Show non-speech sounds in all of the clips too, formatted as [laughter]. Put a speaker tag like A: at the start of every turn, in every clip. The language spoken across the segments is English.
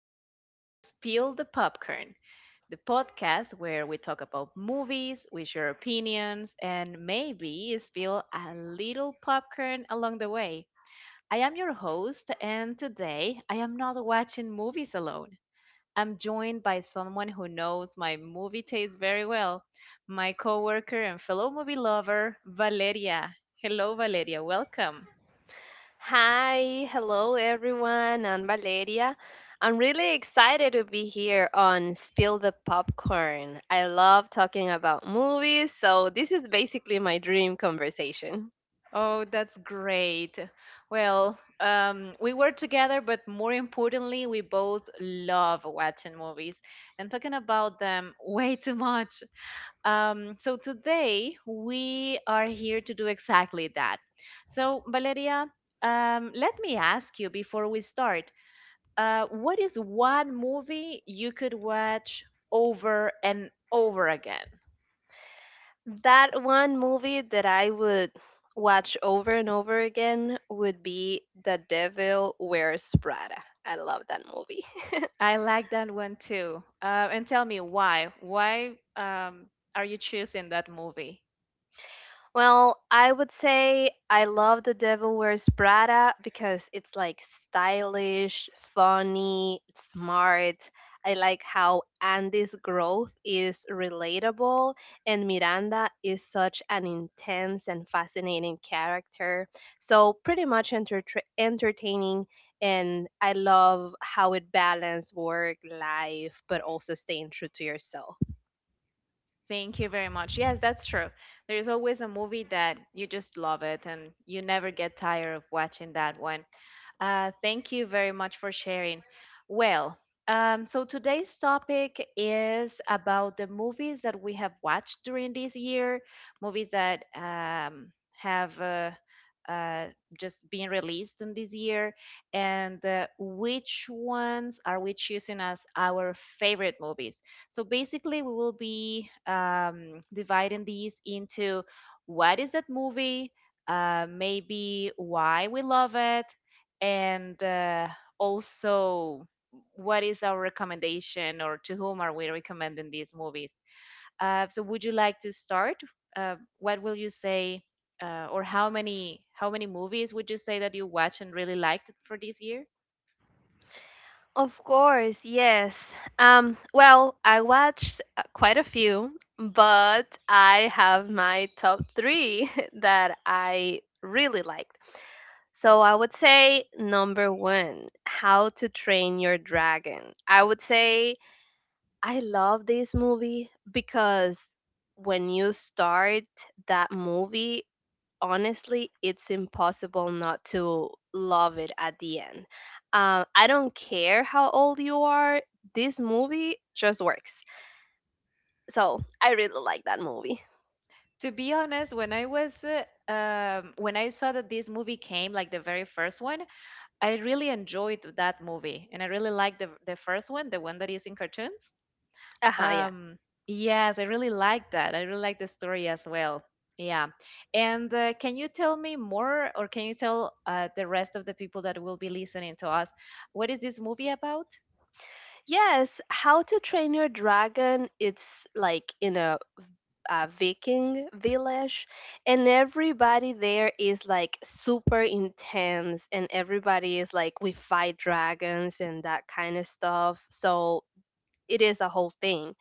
A: welcome to Spill the Popcorn, the podcast where we talk about movies, we share opinions, and maybe spill a little popcorn along the way. I am your host, and today I am not watching movies alone. I'm joined by someone who knows my movie taste very well, my coworker and fellow movie lover, Valeria. Hello, Valeria. Welcome.
B: Hi, hello everyone. I'm Valeria. I'm really excited to be here on Spill the Popcorn. I love talking about movies, so this is basically my dream conversation.
A: Oh, that's great. Well, we were together, but more importantly, we both love watching movies and talking about them [laughs] way too much. So today we are here to do exactly that. So, Valeria, let me ask you before we start, what is one movie you could watch over and over again?
B: That one movie that I would watch over and over again would be The Devil Wears Prada. I love that movie.
A: I like that one too. And tell me why? Why um, are you choosing that movie?
B: Well, I would say I love The Devil Wears Prada because it's like stylish, funny, smart. I like how Andy's growth is relatable and Miranda is such an intense and fascinating character. So, pretty much entertaining, and I love how it balances work, life, but also staying true to yourself.
A: Thank you very much. Yes, that's true. There's always a movie that you just love it and you never get tired of watching that one. Thank you very much for sharing. Well, So today's topic is about the movies that we have watched during this year, movies that have uh, just been released in this year, and which ones are we choosing as our favorite movies? So basically, we will be dividing these into what is that movie, maybe why we love it, and also what is our recommendation or to whom are we recommending these movies. So would you like to start? What will you say, or how many movies would you say that you watched and really liked for this year?
B: Of course, yes. Well, I watched quite a few, but I have my top three [laughs] that I really liked. So I would say number one, How to Train Your Dragon. I would say I love this movie because when you start that movie, honestly, it's impossible not to love it at the end. I don't care how old you are, this movie just works. So I really like that movie.
A: To be honest, when I saw that this movie came, like the very first one, I really enjoyed that movie, and I really liked the first one, the one that is in cartoons.
B: Uh huh, yeah.
A: Um, yes, I really like that. I really like the story as well. Yeah. And can you tell me more, or can you tell the rest of the people that will be listening to us, what is this movie about?
B: Yes, How to Train Your Dragon, it's like in a Viking village, and everybody there is like super intense, and everybody is like, we fight dragons and that kind of stuff. So it is a whole thing.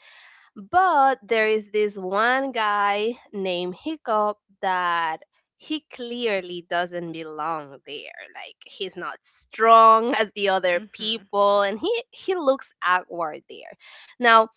B: But there is this one guy named Hiccup that he clearly doesn't belong there. Like he's not strong as the other
A: Mm-hmm.
B: people, and he looks awkward there. Now,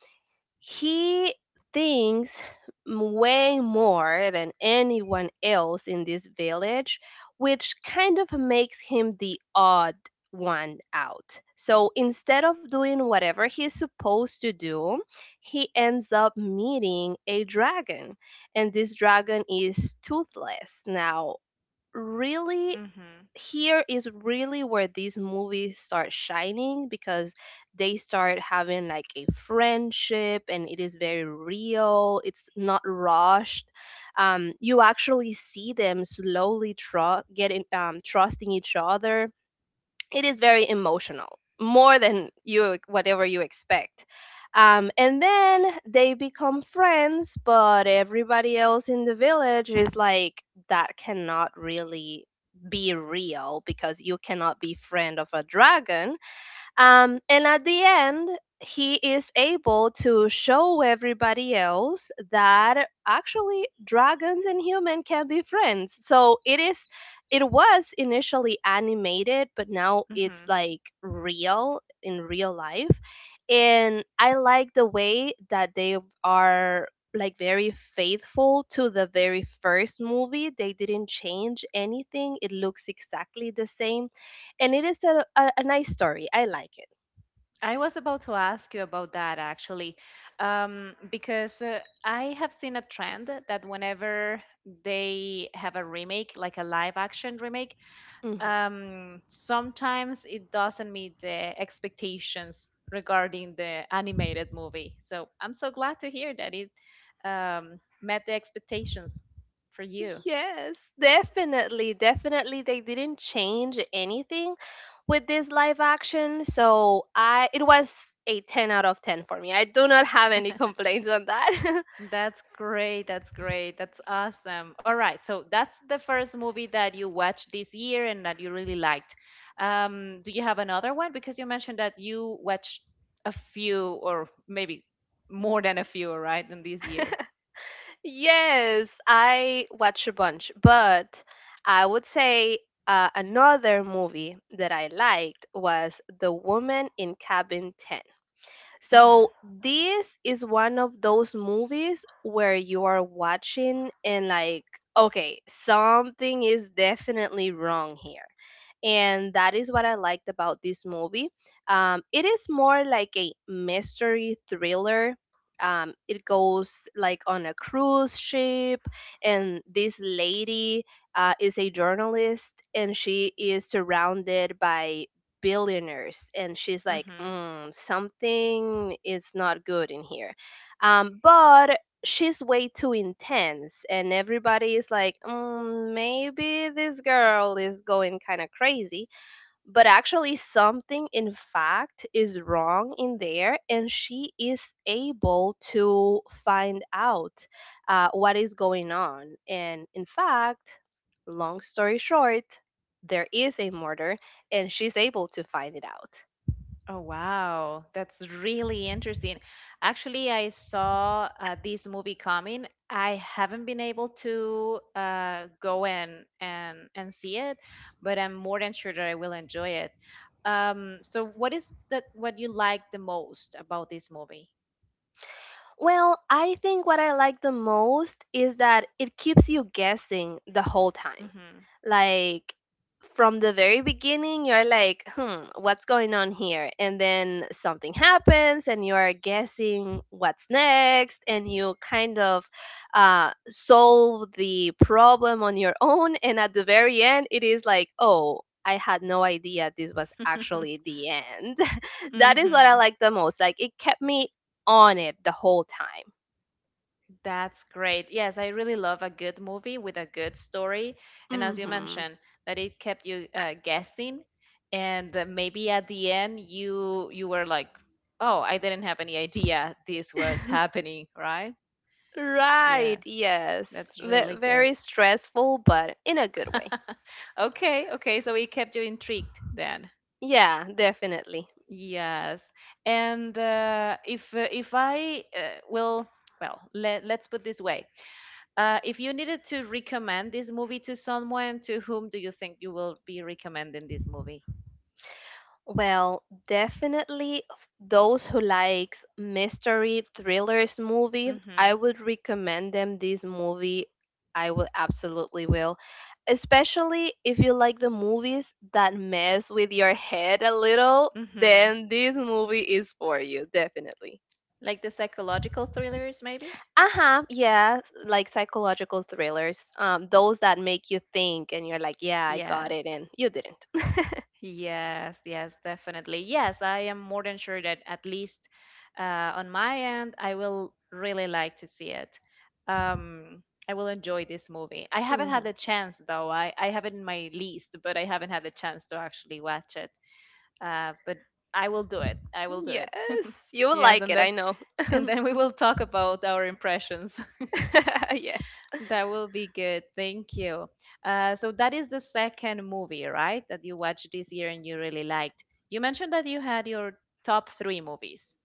B: he thinks way more than anyone else in this village, which kind of makes him the odd one out. So instead of doing whatever he's supposed to do, he ends up meeting a dragon, and this dragon is toothless. Now, really,
A: Mm-hmm.
B: here is really where these movies start shining because they start having like a friendship, and it is very real, it's not rushed. Um, you actually see them slowly tru- getting trusting each other. It is very emotional, more than you whatever you expect. Um, and then they become friends, but everybody else in the village is like, that cannot really be real because you cannot be friend of a dragon. Um, and at the end, he is able to show everybody else that actually dragons and humans can be friends. So it is, it was initially animated, but now it's
A: Mm-hmm.
B: like real in real life. And I like the way that they are like very faithful to the very first movie. They didn't change anything. It looks exactly the same, and it is a nice story. I like it.
A: I was about to ask you about that actually, because I have seen a trend that whenever they have a remake, like a live action remake,
B: Mhm.
A: sometimes it doesn't meet the expectations regarding the animated movie. So I'm so glad to hear that it met the expectations for you.
B: Yes, definitely. Definitely they didn't change anything with this live action. So I it was a 10 out of 10 for me. I do not have any complaints on that. [laughs]
A: That's great. That's great. That's awesome. All right. So that's the first movie that you watched this year and that you really liked. Do you have another one? Because you mentioned that you watched a few or maybe more than a few, right, in this year.
B: Yes, I watch a bunch, but I would say another movie that I liked was The Woman in Cabin.
A: Mm-hmm.
B: So this is one of those movies where you are watching and like, okay, something is definitely wrong here. And that is what I liked about this movie. It is more like a mystery thriller. It goes like on a cruise ship, and this lady is a journalist, and she is surrounded by billionaires, and she's like,
A: Mm-hmm.
B: mm, something is not good in here. Um, but she's way too intense, and everybody is like, mm, maybe this girl is going kind of crazy. But actually something in fact is wrong in there, and she is able to find out what is going on. And in fact, long story short, there is a murder, and she's able to find it out.
A: Oh, wow. That's really interesting. Actually, I saw this movie coming. I haven't been able to go in and see it, but I'm more than sure that I will enjoy it. So what is that what you like the most about this movie?
B: Well, I think what I like the most is that it keeps you guessing the whole time. Like from the very beginning, you're like, hmm, what's going on here? And then something happens, and you are guessing what's next, and you kind of solve the problem on your own. And at the very end, it is like, oh, I had no idea this was
A: Mm-hmm.
B: actually the end.
A: [laughs]
B: [laughs] That is what I
A: Mm-hmm.
B: like the most. Like it kept me on it the whole time.
A: That's great. Yes, I really love a good movie with a good story. And as you
B: Mm
A: mentioned, that it kept you guessing, and maybe at the end you were like, "Oh, I didn't have any idea this was
B: hmm. [laughs]
A: happening," right?
B: Right,
A: Yes,
B: yes.
A: that's
B: Ve
A: really good.
B: very stressful, but in a good way.
A: [laughs] Okay, okay, so it kept you intrigued then.
B: Yeah, definitely.
A: Yes. And if if I will, well, let's put this way. If you needed to recommend this movie to someone, to whom do you think you will be recommending this movie?
B: Well, definitely those who likes mystery thrillers movie, I
A: Mhm.
B: would recommend them this movie. I will absolutely will. Especially if you like the movies that mess with your head a little,
A: Mhm.
B: then this movie is for you, definitely.
A: Like the psychological thrillers maybe?
B: Uh-huh, yeah, like psychological thrillers, those that make you think, and you're like, yeah, I got
A: Yes,
B: it, and you didn't.
A: yes, yes, definitely. Yes, I am more than sure that at least on my end, I will really like to see it. Um, I will enjoy this movie. I
B: [laughs]
A: haven't had
B: Hmm.
A: the chance though. I have it in my list, but I haven't had the chance to actually watch it. But I will do it. I will do
B: Yes,
A: it. [laughs]
B: you will
A: Yes,
B: like
A: and
B: it,
A: then
B: I know.
A: and then we will talk about our impressions.
B: [laughs] Yes.
A: [laughs] That will be good. Thank you. So that is the second movie, right? That you watched this year and you really liked. You mentioned that you had your top three movies.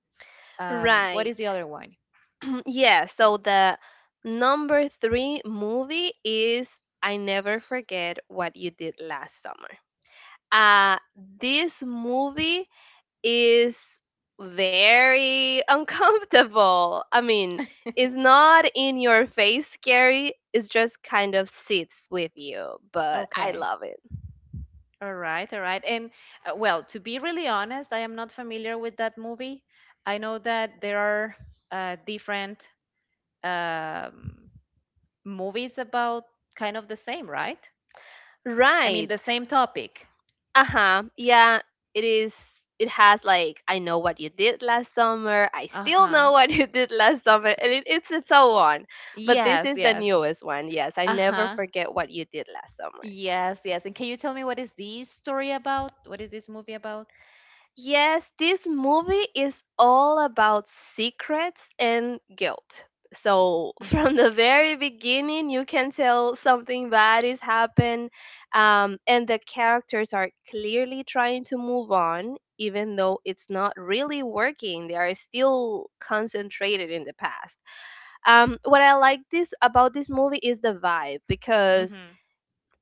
A: What is
B: Right.
A: the other one?
B: [clears throat] Yeah, so the number three movie is I Never Forget What You Did Last Summer. Uh, this movie is very uncomfortable. I mean, it's not in your face scary, it's just kind of sits with you, but I
A: Okay.
B: love it.
A: All right, all right. And well, to be really honest, I am not familiar with that movie. I know that there are different um, movies about kind of the same, right? I mean, the
B: Right.
A: same topic.
B: Uh-huh. Yeah, it is, it has like I know what you did last summer, I still
A: Uh-huh.
B: know what [laughs] you did last summer, and it's and so on. But this
A: Yes,
B: is the
A: yes.
B: newest one. Yes, I never
A: Uh-huh.
B: forget what you did last summer.
A: Yes, yes. And can you tell me what is this story about? What is this movie about?
B: Yes, this movie is all about secrets and guilt. So [laughs]
A: Mm-hmm.
B: from the very beginning, you can tell something bad is happened, and the characters are clearly trying to move on, even though it's not really working. They are still concentrated in the past. What I like this about this movie is the vibe, because
A: Mm-hmm.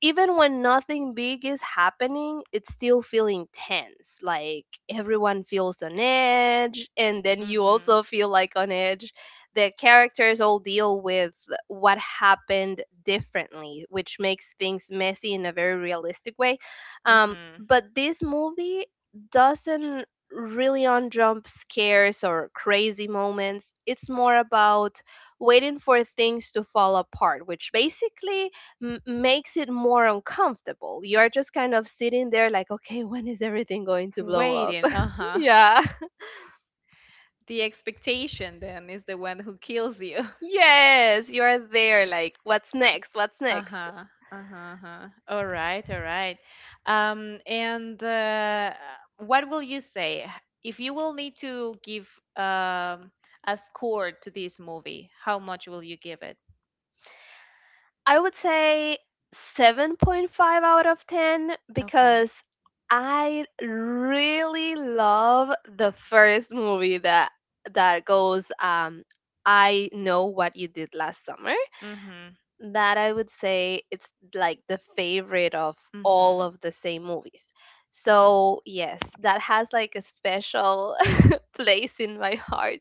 B: even when nothing big is happening, it's still feeling tense. Like everyone feels on edge, and then you
A: Mm-hmm.
B: also feel like on edge. The characters all deal with what happened differently, which makes things messy in a very realistic way.
A: Mm-hmm.
B: But this movie doesn't really on jump scares or crazy moments. It's more about waiting for things to fall apart, which basically makes it more uncomfortable. You're just kind of sitting there like, okay, when is everything going to blow up?
A: Waiting.
B: [laughs]
A: Uh-huh.
B: Yeah. [laughs]
A: The expectation then is the one who kills you.
B: Yes, you're there like, what's next? What's next?
A: Uh-huh. Uh-huh. Uh-huh. All right, all right. And what will you say if you will need to give um a score to this movie? How much will you give it?
B: I would say 7.5 out of 10
A: Okay.
B: because I really love the first movie that goes, um, I know what you did last summer.
A: Mm-hmm.
B: That I would say it's like the favorite of all
A: Mm-hmm.
B: of the same movies. So, yes, that has like a special [laughs] place in my heart.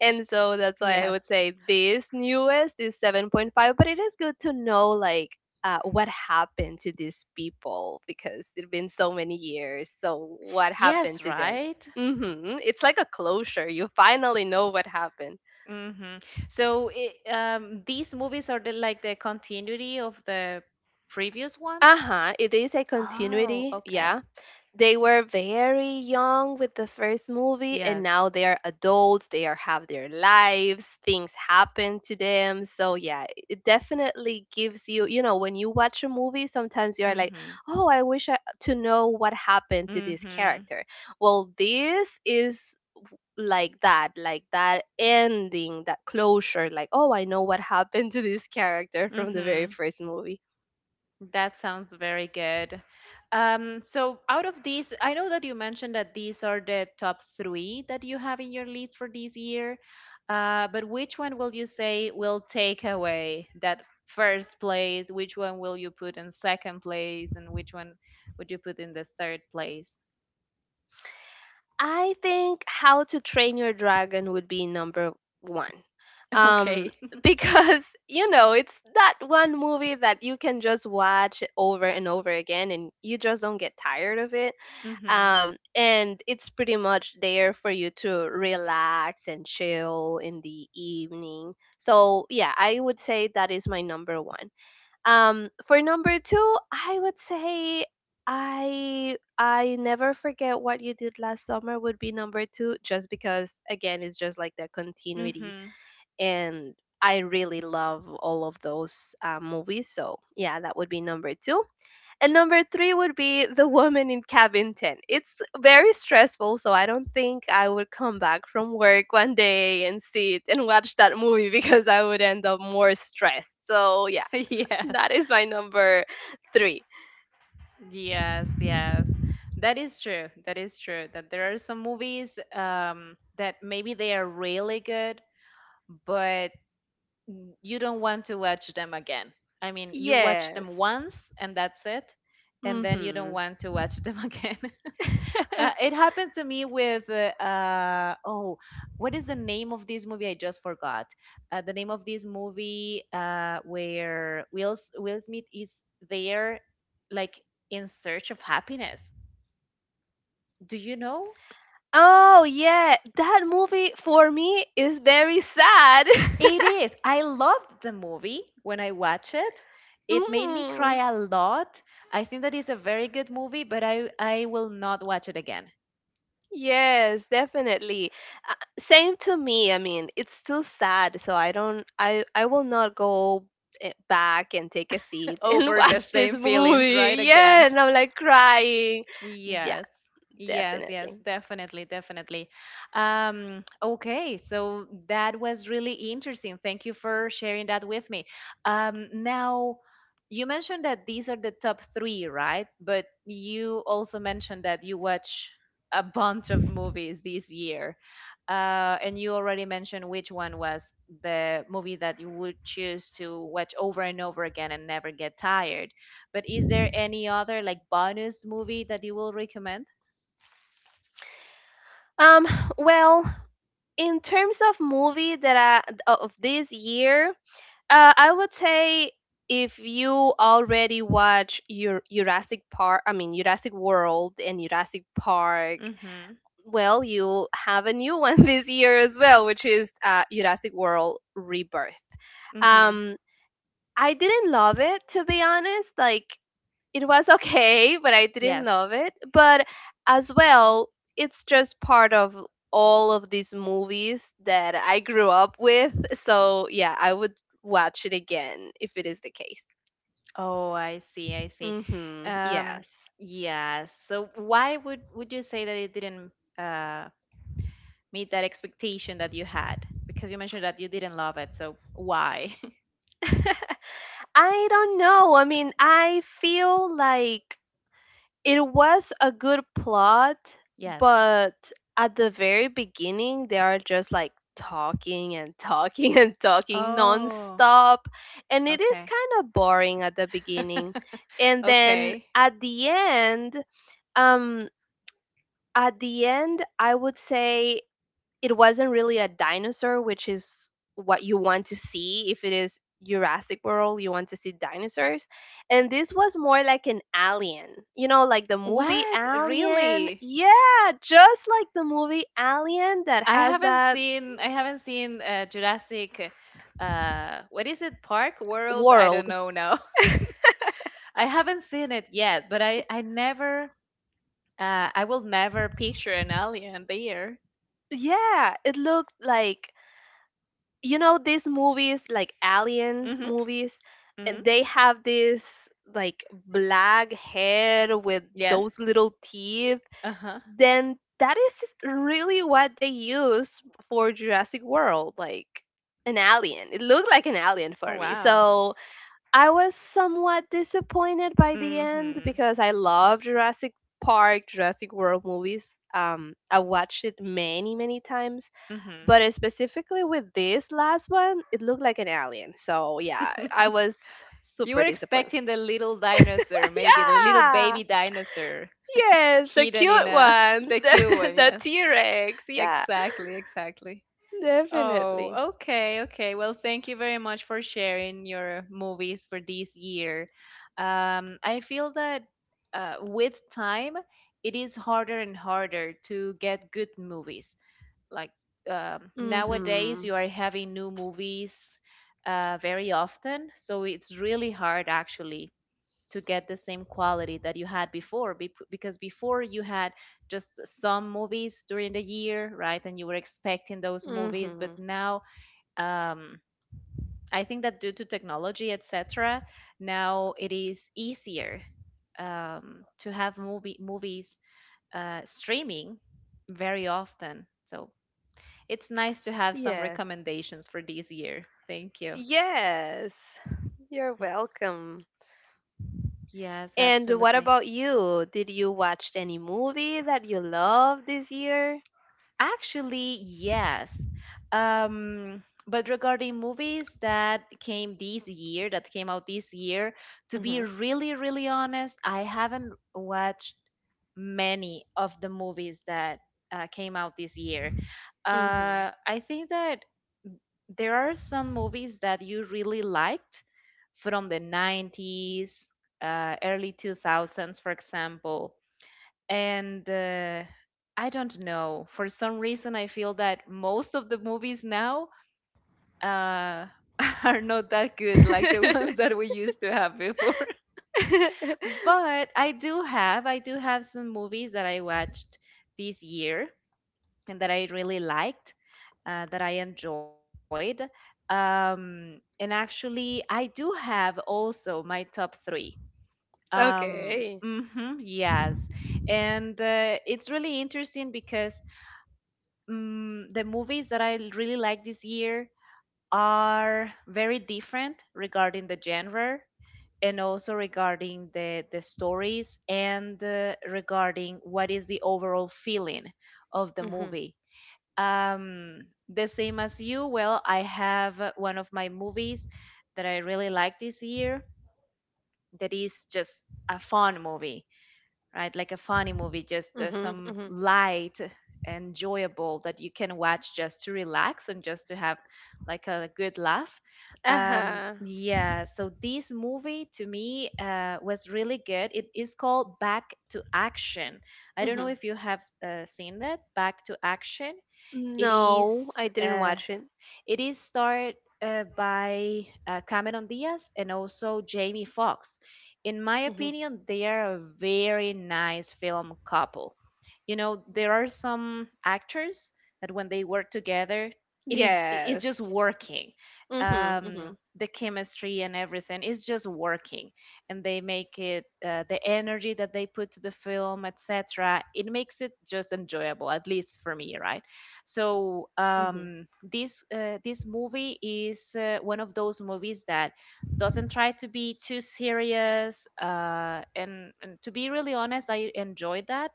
B: And so that's why I
A: Yes.
B: would say this newest is 7.5, but it is good to know like what happened to these people because it's been so many years. So, what happened
A: Yes,
B: to them?
A: right?
B: Hmm. It's like a closure. You finally know what happened.
A: Mm-hmm. So it, these movies are the, like the continuity of the previous ones?
B: Uh huh. It is a
A: Oh,
B: continuity.
A: okay.
B: Yeah, they were very young with the first movie, and
A: Yes.
B: now they are adults, they are have their lives, things happen to them. So yeah, it definitely gives you, you know, when you watch a movie sometimes you're like,
A: Mm-hmm.
B: oh, I wish I, to know what happened to this
A: Mm-hmm.
B: character. Well, this is like that, like that ending, that closure, like, oh, I know what happened to this character from the very
A: Mm-hmm.
B: first movie.
A: That sounds very good. So out of these, I know that you mentioned that these are the top three that you have in your list for this year. But which one will you say will take away that first place? Which one will you put in second place? And which one would you put in the third place?
B: I think How to Train Your Dragon would be number one.
A: [laughs]
B: Um,
A: Okay. [laughs]
B: because, [laughs] you know, it's that one movie that you can just watch over and over again, and you just don't get tired of it.
A: Mm-hmm.
B: And it's pretty much there for you to relax and chill in the evening. So, yeah, I would say that is my number one. For number two, I would say I never forget what you did last summer would be number two, just because again it's just like the
A: Mm-hmm.
B: continuity, and I really love all of those movies. So yeah, that would be number two, and number three would be The Woman in Cabin Ten. It's very stressful, so I don't think I would come back from work one day and see it and watch that movie [laughs] because I would end up more stressed. So yeah,
A: [laughs] Yes.
B: that is my number three.
A: Yes, yes. That is true. That is true. That there are some movies that maybe they are really good, but you don't want to watch them again. I mean, you watch
B: Yes.
A: them once and that's it, and then you don't
B: Hmm.
A: want to watch them [laughs] again. It
B: [laughs]
A: happens to me with oh, what is the name of this movie? I just forgot. The name of this movie where Will Smith is there, like in search of happiness. Do you know?
B: Oh, yeah. That movie for me is very sad.
A: It is. I loved the movie when I watched it.
B: [laughs]
A: It made me cry
B: Hmm.
A: a lot. I think that is a very good movie, but I will not watch it again.
B: Yes, definitely. Uh, same to me. I mean, it's still sad, so I don't, I will not go back and take a
A: [laughs]
B: seat [laughs] and
A: Over the
B: watch this
A: same feelings,
B: movie.
A: right?
B: Yeah,
A: Again.
B: and I'm like crying. Yeah,
A: Yes, yes, yes,
B: definitely.
A: definitely, definitely. Okay, so that was really interesting. Thank you for sharing that with me. Now, you mentioned that these are the top three, right? But you also mentioned that you watch a bunch of movies this year. And you already mentioned which one was the movie that you would choose to watch over and over again and never get tired. But is there any other like bonus movie that you will recommend?
B: Um, well, in terms of movie that I of this year, I would say if you already watch your Jurassic Park, I mean Jurassic World and Jurassic Park,
A: Mhm.
B: well, you have a new one [laughs] this year as well, which is Jurassic World Rebirth.
A: Mhm.
B: Um, I didn't love it to be honest. Like it was okay, but I didn't
A: Yes.
B: love it. But as well, it's just part of all of these movies that I grew up with. So yeah, I would watch it again if it is the case.
A: Oh, I see. I see.
B: Mhm.
A: Um,
B: Yes.
A: yeah. So why would you say that it didn't uh meet that expectation that you had? Because you mentioned that you didn't love it. So why? [laughs]
B: [laughs] I don't know. I mean, I feel like it was a good plot,
A: Yes.
B: but at the very beginning, they are just like talking and talking [laughs] and talking
A: Oh,
B: nonstop. And it is
A: okay.
B: kind of boring at the beginning.
A: [laughs]
B: And then
A: Okay.
B: at the end, um, I would say it wasn't really a dinosaur, which is what you want to see if it is Jurassic World. You want to see dinosaurs. And this was more like an alien. You know, like the movie
A: What?
B: Alien.
A: Really?
B: Yeah, just like the movie Alien that
A: I
B: has
A: haven't
B: that
A: seen I haven't seen Jurassic what is it, Park? World? I don't
B: world.
A: know now. [laughs] I haven't seen it yet, but I never I will never picture an alien there.
B: Yeah, it looked like, you know, these movies like alien
A: Mhm.
B: movies, and
A: Mhm.
B: they have this like black head with
A: Yes.
B: those little teeth.
A: Uh-huh.
B: Then that is really what they use for Jurassic World, like an alien. It looked like an alien
A: Oh
B: for me.
A: wow.
B: So I was somewhat disappointed by the end
A: Mhm.
B: because I love Jurassic Park, Jurassic World movies. I watched it many, many times,
A: Mhm.
B: but specifically with this last one, it looked like an alien. So yeah, I
A: [laughs]
B: was
A: You were
B: super disappointed.
A: expecting the little dinosaur,
B: [laughs]
A: maybe the little
B: Yeah,
A: baby dinosaur
B: yes, the
A: hidden in
B: cute
A: a [laughs]
B: ones,
A: the
B: [laughs]
A: cute one,
B: the
A: yes.
B: T Rex. Yeah.
A: Exactly, exactly.
B: Definitely.
A: Oh, okay, okay. Well, thank you very much for sharing your movies for this year. I feel that with time, it is harder and harder to get good movies. Like nowadays,
B: Mhm.
A: you are having new movies very often, so it's really hard actually to get the same quality that you had before because before you had just some movies during the year, right? And you were expecting those
B: Mhm.
A: movies, but now um, I think that due to technology, etc., now it is easier to have movies streaming very often. So it's nice to have some
B: Yes.
A: recommendations for this year. Thank you.
B: Yes. You're welcome.
A: Yes,
B: And what
A: absolutely.
B: about you? Did you watch any movie that you love this year?
A: Actually, yes. But regarding movies that came this year, that came out this year, to be
B: Mhm.
A: really, really honest, I haven't watched many of the movies that came out this year.
B: Mhm.
A: I think that there are some movies that you really liked from the 90s, early 2000s, for example, and I don't know. For some reason, I feel that most of the movies now uh, [laughs] are not that good, like the [laughs] ones that
B: [laughs]
A: we used to have before. [laughs] But I do have some movies that I watched this year and that I really liked, that I enjoyed. And actually, I do have also my top three.
B: Okay.
A: Mhm, yes. And It's really interesting because the movies that I really like this year are very different regarding the genre and also regarding the stories and regarding what is the overall feeling of the
B: Mhm.
A: movie. Um, the same as you, well, I have one of my movies that I really like this year that is just a fun movie, right? Like a funny movie, just
B: Mhm.
A: some
B: Mhm.
A: light, enjoyable that you can watch just to relax and just to have like a good laugh.
B: Uh-huh.
A: Yeah, so this movie to me was really good. It is called Back to Action. I don't know
B: Mhm.
A: if you have seen that, Back to Action. It
B: No, I
A: is.
B: didn't watch it.
A: It is starred by Cameron Diaz and also Jamie Foxx. In my
B: Mhm.
A: opinion, they are a very nice film couple. You know, there are some actors that when they work together, it's just
B: Yes.
A: working.
B: Mhm. Mhm.
A: The chemistry and everything is just working, and they make it the energy that they put to the film, etc. It makes it just enjoyable, at least for me, right? So
B: Mhm.
A: this movie is one of those movies that doesn't try to be too serious. And to be really honest, I enjoyed that.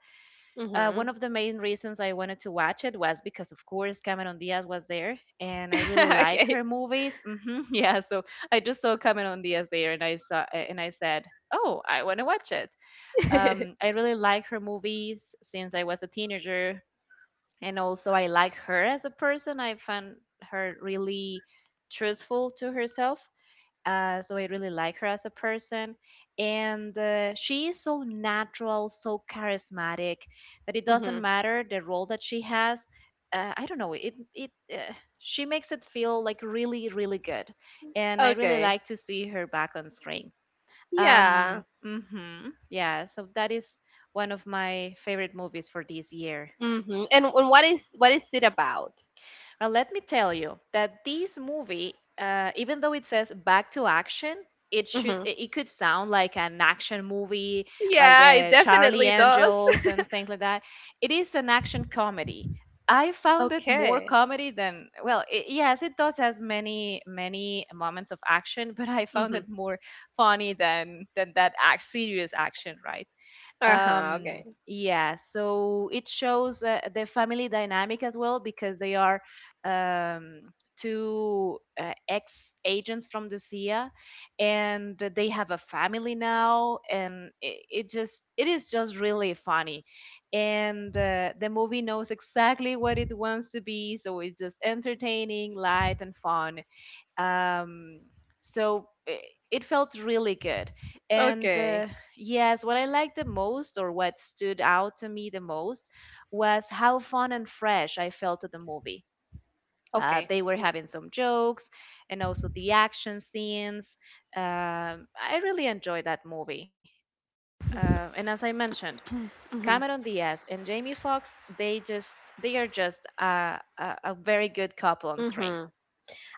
A: One
B: Mhm.
A: of the main reasons I wanted to watch it was because, of course, Cameron Diaz was there, and I really
B: [laughs]
A: like
B: Okay.
A: her movies. Hmm, [laughs] yeah, so I just saw Cameron Diaz there, and I saw and I said, "Oh, I want to watch it."
B: [laughs]
A: I really like her movies since I was a teenager, and also I like her as a person. I find her really truthful to herself. So I really like her as a person, and she is so natural, so charismatic that it doesn't
B: Mhm.
A: matter the role that she has. I don't know. It She makes it feel like really really good, and I really
B: Okay.
A: like to see her back on screen.
B: Yeah.
A: Yeah. So that is one of my favorite movies for this year.
B: Mhm. And what is it about?
A: Now, let me tell you that this movie, even though it says back to action, it should
B: Mhm.
A: it it could sound like an action movie, like
B: Yeah, it
A: the Charlie
B: definitely does.
A: Angels
B: [laughs]
A: and things like that. It is an action comedy. I found it more
B: Okay.
A: comedy than well, it, yes, it does has many many moments of action, [laughs] but I found
B: Mhm.
A: it more funny than serious action, right?
B: Uh-huh. Okay.
A: Yeah so it shows the family dynamic as well because they are um two ex agents from the CIA, and they have a family now, and it is just really funny, and the movie knows exactly what it wants to be, so it's just entertaining, light, and fun. um, so it felt really good, and
B: Okay.
A: yes, what I liked the most or what stood out to me the most was how fun and fresh I felt at the movie.
B: Okay.
A: They were
B: Okay.
A: having some jokes and also the action scenes. I really enjoyed that movie. And as I mentioned, Cameron
B: Mhm.
A: Diaz and Jamie Foxx, they are just a very good couple on screen.
B: Mhm.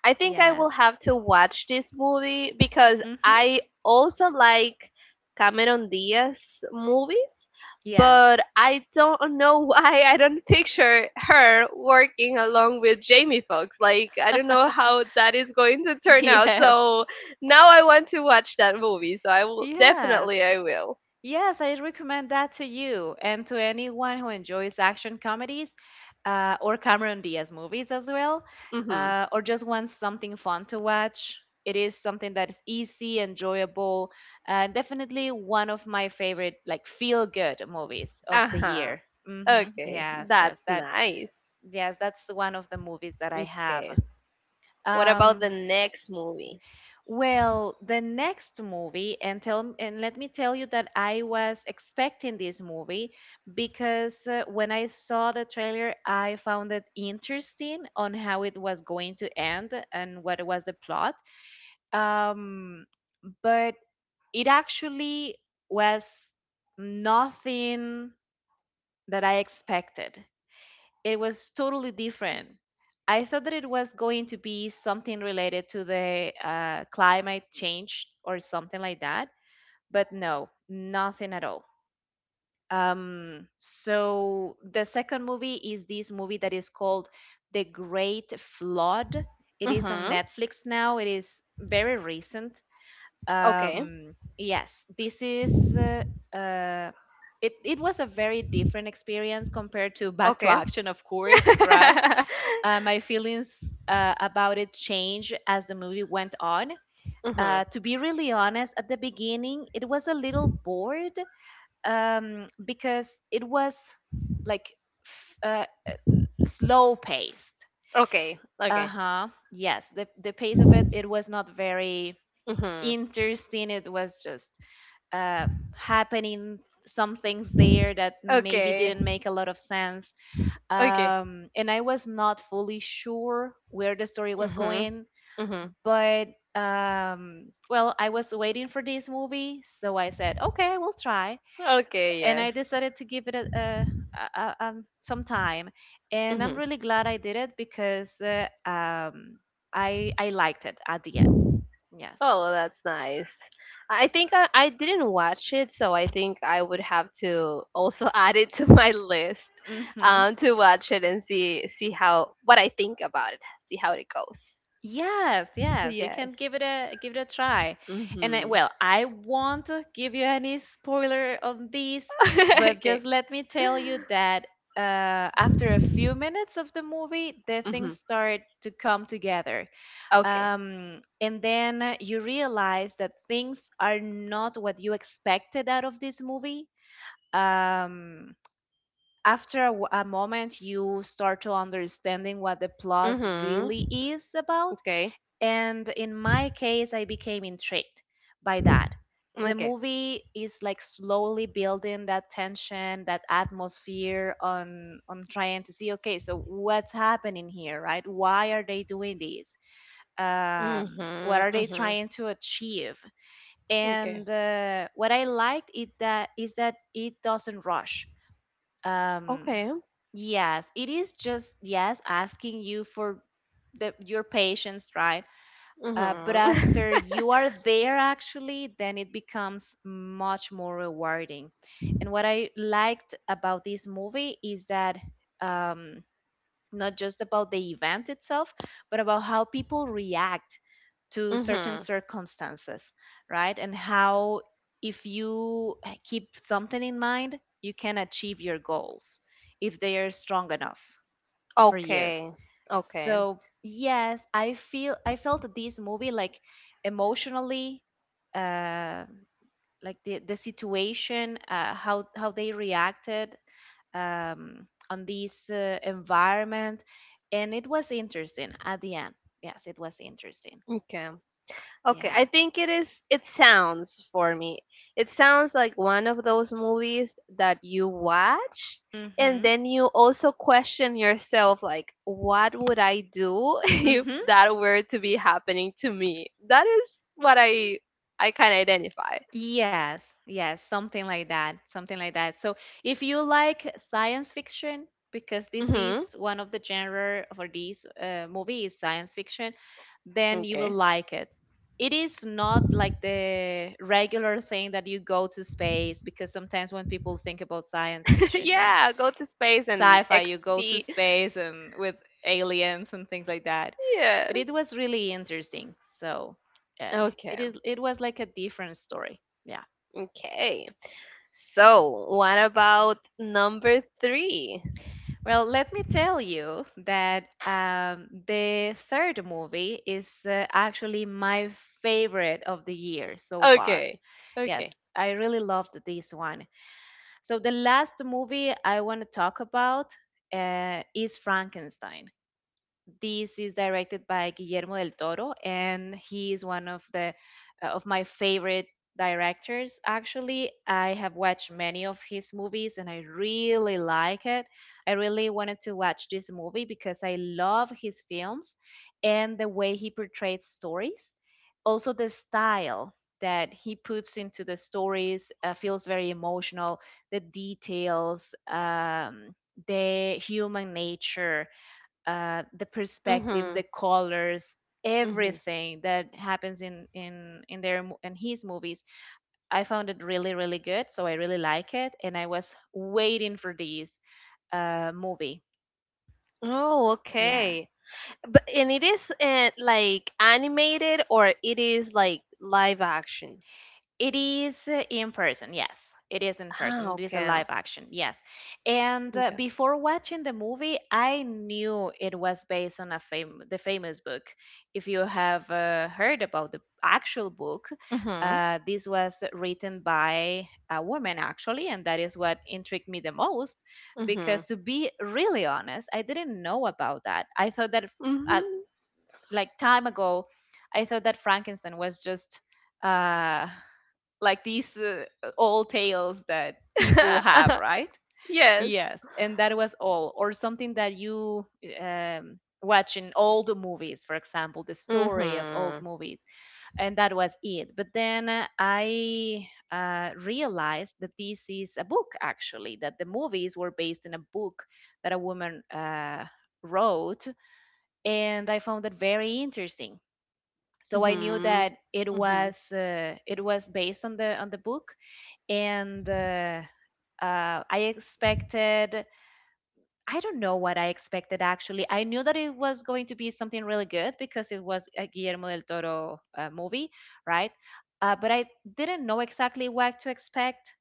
B: I think I
A: Yes.
B: will have to watch this movie because
A: Hmm.
B: I also like Cameron Diaz movies,
A: Yes.
B: but I don't know [laughs] why I don't picture her working along with Jamie Foxx. Like I don't know how
A: [laughs]
B: that is going to turn out.
A: Yes,
B: So now I want to watch that movie. So I will,
A: yes,
B: definitely I will.
A: yes. I recommend that to you and to anyone who enjoys action comedies, or Cameron Diaz movies as well,
B: Mhm.
A: or just wants something fun to watch. It is something that is easy, enjoyable, and definitely one of my favorite, like feel-good movies of the
B: Uh-huh.
A: year. Hmm.
B: Okay,
A: Yes, yes,
B: that's nice.
A: yes, that's one of the movies that I have.
B: Okay. What about the
A: Um,
B: next movie?
A: Well, the next movie, and tell and let me tell you that I was expecting this movie because when I saw the trailer, I found it interesting on how it was going to end and what was the plot. Um, but it actually was nothing that I expected. It was totally different. I thought that it was going to be something related to the climate change or something like that, but no, nothing at all. So the second movie is this movie that is called The Great Flood. It is on
B: Mhm.
A: Netflix now. It is very recent.
B: Okay.
A: Um, yes, this is uh, uh, it was a very different experience compared to Back to
B: Okay.
A: Action, of course,
B: [laughs]
A: right? My feelings about it changed as the movie went on.
B: Mhm.
A: To be really honest, at the beginning, it was a little bored, because it was like f- uh, slow paced.
B: Okay.
A: Uh
B: Okay.
A: huh. Yes, the pace of it was not very
B: Mhm.
A: interesting. It was just uh, happening. Some things there that maybe
B: Okay.
A: didn't make a lot of sense.
B: Okay.
A: And I was not fully sure where the story was
B: Mhm.
A: going.
B: Mhm.
A: But well, I was waiting for this movie, so I said, okay, I will try,
B: Okay.
A: and I
B: Yes.
A: decided to give it a some time, and I'm
B: Mhm.
A: really glad I did it because I liked it at the end. Yes.
B: Oh, well, that's nice. I think I didn't watch it, so I think I would have to also [laughs] add it to my list,
A: Hmm.
B: to watch it and see how what I think about it, see how it goes.
A: Yes, yes, you can
B: Yes.
A: give it a try. And I,
B: Mhm.
A: well, I won't give you any spoiler on this, but just
B: [laughs] Okay.
A: let me tell you that after a few minutes of the movie, the things
B: Mhm.
A: start to come together.
B: Okay.
A: And then you realize that things are not what you expected out of this movie. Um, After a moment, you start to understanding what the plot
B: Mhm.
A: really is about,
B: Okay.
A: and in my case, I became intrigued by that. The
B: Okay.
A: movie is like slowly building that tension, that atmosphere on trying to see, okay, so what's happening here, right? Why are they doing this? What
B: Mhm,
A: are they
B: mhm.
A: trying to achieve?
B: Okay.
A: And What I liked it that is that it doesn't rush. Um,
B: Okay.
A: yes, it is just yes asking you for the your patience, right? But
B: Mhm.
A: after you are there, actually, then it becomes much more rewarding. And what I liked about this movie is that, um, not just about the event itself, but about how people react
B: [laughs]
A: to certain
B: Mhm.
A: circumstances, right? And how if you keep something in mind, you can achieve your goals if they are strong enough for you.
B: Okay. Okay.
A: So yes, I felt this movie like emotionally, uh, like the situation, how they reacted on this environment, and it was interesting at the end. Yes, it was interesting.
B: Okay. Okay, I
A: Yeah.
B: think it sounds for me. It sounds like one of those movies that you watch and
A: Mhm.
B: then you also question yourself like what would I do [laughs] if
A: Mhm.
B: that were to be happening to me? That is what I can identify.
A: Yes, yes, something like that, something like that. So, if you like science fiction, because this
B: Mhm.
A: is one of the genre for these movie is science fiction, then you will
B: Okay.
A: like it. It is not like the regular thing that you go to space, because sometimes when people think about science
B: [laughs]
A: fiction, then
B: Yeah, go to space and
A: sci-fi, you go to
B: XT.
A: space and with aliens and things like that.
B: Yes.
A: But it was really interesting. So, uh,
B: Okay.
A: it was like a different story. Yeah.
B: Okay. So, what about number three?
A: Well, let me tell you that the third movie is actually my favorite of the year so far.
B: Okay. Okay.
A: Yes, I really loved this one. So the last movie I want to talk about is Frankenstein. This is directed by Guillermo del Toro, and he is one of the of my favorite directors. Actually, I have watched many of his movies, and I really like it. I really wanted to watch this movie because I love his films and the way he portrays stories. Also, the style that he puts into the stories feels very emotional. The details, the human nature, the perspectives,
B: Mhm.
A: the colors,
B: Mhm.
A: everything that happens in his movies. I found it really really good, so I really like it, and I was waiting for this movie.
B: Oh,
A: Yes.
B: okay. But and it is like animated or it is like live action.
A: It is in person, yes. It is in
B: Ah,
A: person. It is a
B: okay.
A: live action, yes. And
B: Okay.
A: before watching the movie, I knew it was based on the famous book. If you have heard about the actual book,
B: Mhm.
A: this was written by a woman actually, and that is what intrigued me the most. Because
B: Mhm.
A: to be really honest, I didn't know about that. I thought that uh,
B: Mhm.
A: like time ago, I thought that Frankenstein was just. Uh, like these old tales that people have, right?
B: [laughs] Yes.
A: Yes, and that was all, or something that you watch in old movies, for example, the story of old
B: Mhm.
A: movies, and that was it. But then I realized that this is a book actually, that the movies were based in a book that a woman wrote, and I found that very interesting. So I knew
B: Mhm.
A: that
B: Mhm.
A: it was based on the book, and I expected. I don't know what I expected actually. I knew that it was going to be something really good because it was a Guillermo del Toro movie, right? But I didn't know exactly what to expect.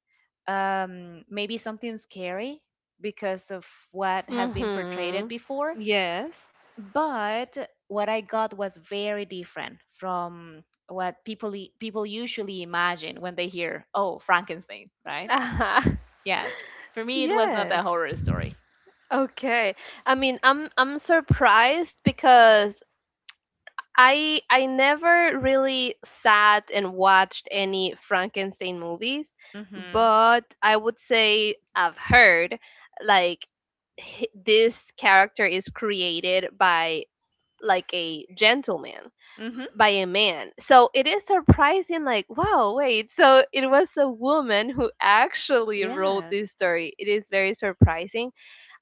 A: Maybe something scary because of what has been portrayed
B: Mhm.
A: before.
B: Yes.
A: But what I got was very different from what people usually imagine when they hear, "Oh, Frankenstein," right?
B: [laughs]
A: Yes. For me, it was not a
B: Yes.
A: horror story.
B: Okay. I mean, I'm surprised because I never really sat and watched any Frankenstein movies,
A: Mm-hmm.
B: but I would say I've heard like this character is created by like a gentleman,
A: Mm-hmm.
B: by a man. So it is surprising, like, wow, wait, so it was a woman who actually wrote this
A: Yes.
B: story. It is very surprising,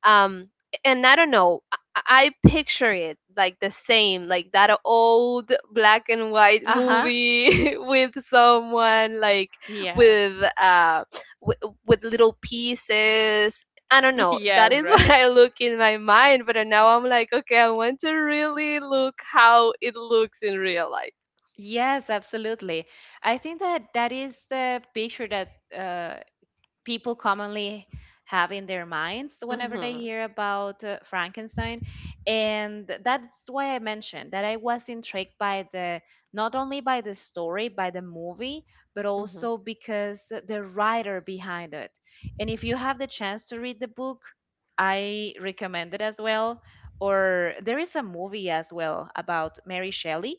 B: um and I don't know, I picture it like the same, like that old black and white
A: Uh-huh.
B: movie [laughs] with someone like
A: Yes. [laughs]
B: with with little pieces. I don't know, that
A: Yes,
B: is [laughs] what
A: right?
B: I look in my mind, but now I'm like, okay, I want to really look how it looks in real life.
A: Yes, absolutely. I think that that is the picture that uh, people commonly have in their minds whenever they
B: Mm-hmm,
A: hear about Frankenstein. And that's why I mentioned that I was intrigued by the not only by the story, by the movie, but
B: mm-hmm.
A: also because the writer behind it. And if you have the chance to read the book, I recommend it as well. Or there is a movie as well about Mary Shelley.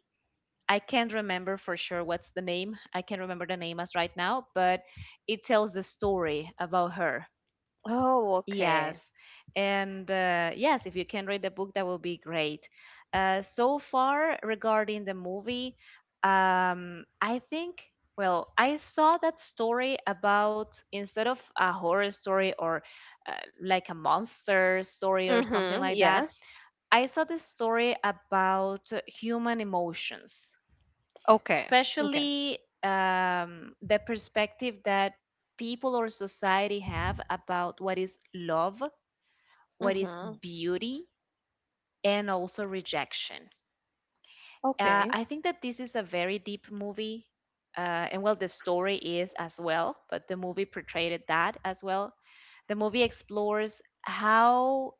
A: I can't remember for sure what's the name. I can't remember the name as right now, but it tells a story about her.
B: Oh,
A: Yes.
B: okay.
A: And yes, if you can read the book, that will be great. So far, regarding the movie, I think, well, I saw that story about instead of a horror story or like a monster story or something
B: Mm-hmm.
A: like that,
B: Yes.
A: I saw the story about human emotions,
B: Okay. Okay.
A: especially the perspective that people or society have about what is love, what is
B: Mm-hmm.
A: beauty, and also rejection.
B: Okay.
A: I think that this is a very deep movie. Uh, and well, the story is as well, but the movie portrayed that as well. The movie explores how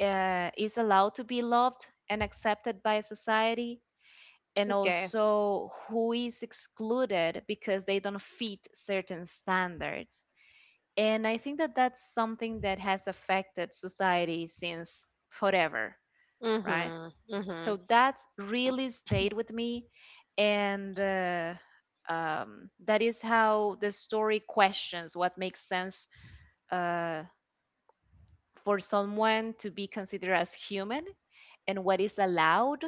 A: is allowed to be loved and accepted by society, and
B: Okay.
A: also who is excluded because they don't fit certain standards. And I think that that's something that has affected society since forever, right?
B: Mhm.
A: So
B: Mhm.
A: that's really stayed with me. And that is how the story questions what makes sense uh, for someone to be considered as human and what is allowed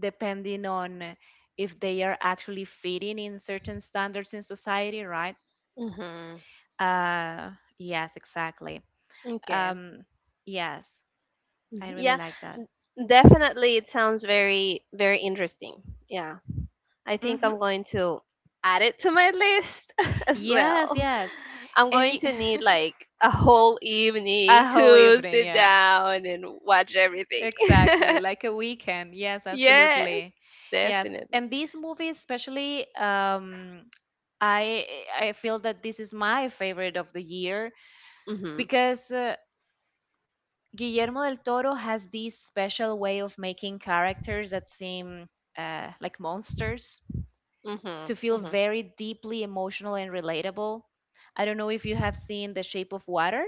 A: depending on if they are actually fitting in certain standards in society, right?
B: Mhm.
A: Uh, yes, exactly.
B: Okay.
A: Um, yes,
B: Mhm.
A: I really
B: Yeah.
A: like that.
B: n- Definitely it sounds very, very interesting. Yeah. I think
A: Hmm.
B: I'm going to add it to my list [laughs] as
A: Yes,
B: well.
A: yes.
B: I'm
A: And
B: going
A: you,
B: to need
A: [laughs]
B: like a whole
A: a
B: evening
A: whole
B: to
A: evening,
B: sit
A: yes.
B: down and watch everything.
A: Exactly,
B: [laughs]
A: like a weekend. Yes, absolutely.
B: Yes,
A: Yes,
B: definitely.
A: and these movies, especially, um, I I feel that this is my favorite of the year
B: Mhm.
A: because Guillermo del Toro has this special way of making characters that seem like monsters to
B: Mhm.
A: feel
B: Mhm.
A: very deeply emotional and relatable. I don't know if you have seen The Shape of Water.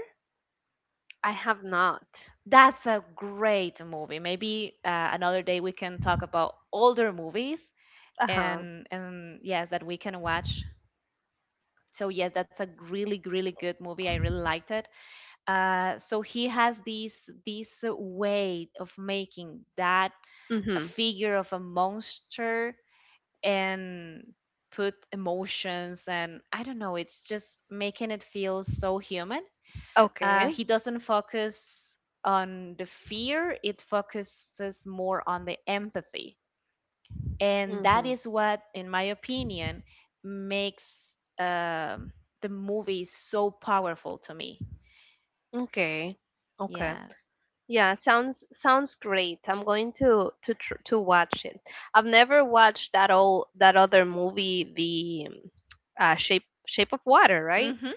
B: I have not.
A: That's a great movie. Maybe another day we can talk about older movies
B: Uh-huh.
A: and yes, that we can watch. So yes, that's a really really good movie. I really liked it. So he has this way of making that a
B: Mhm.
A: figure of a monster and put emotions and I don't know, it's just making it feel so human.
B: Okay.
A: He doesn't focus on the fear, it focuses more on the empathy. And that
B: Mhm.
A: is what, in my opinion, makes um the movie so powerful to me.
B: Okay. Okay.
A: Yes.
B: Yeah, sounds great. I'm going to watch it. I've never watched that other movie, the Shape of Water, right?
A: Hmm.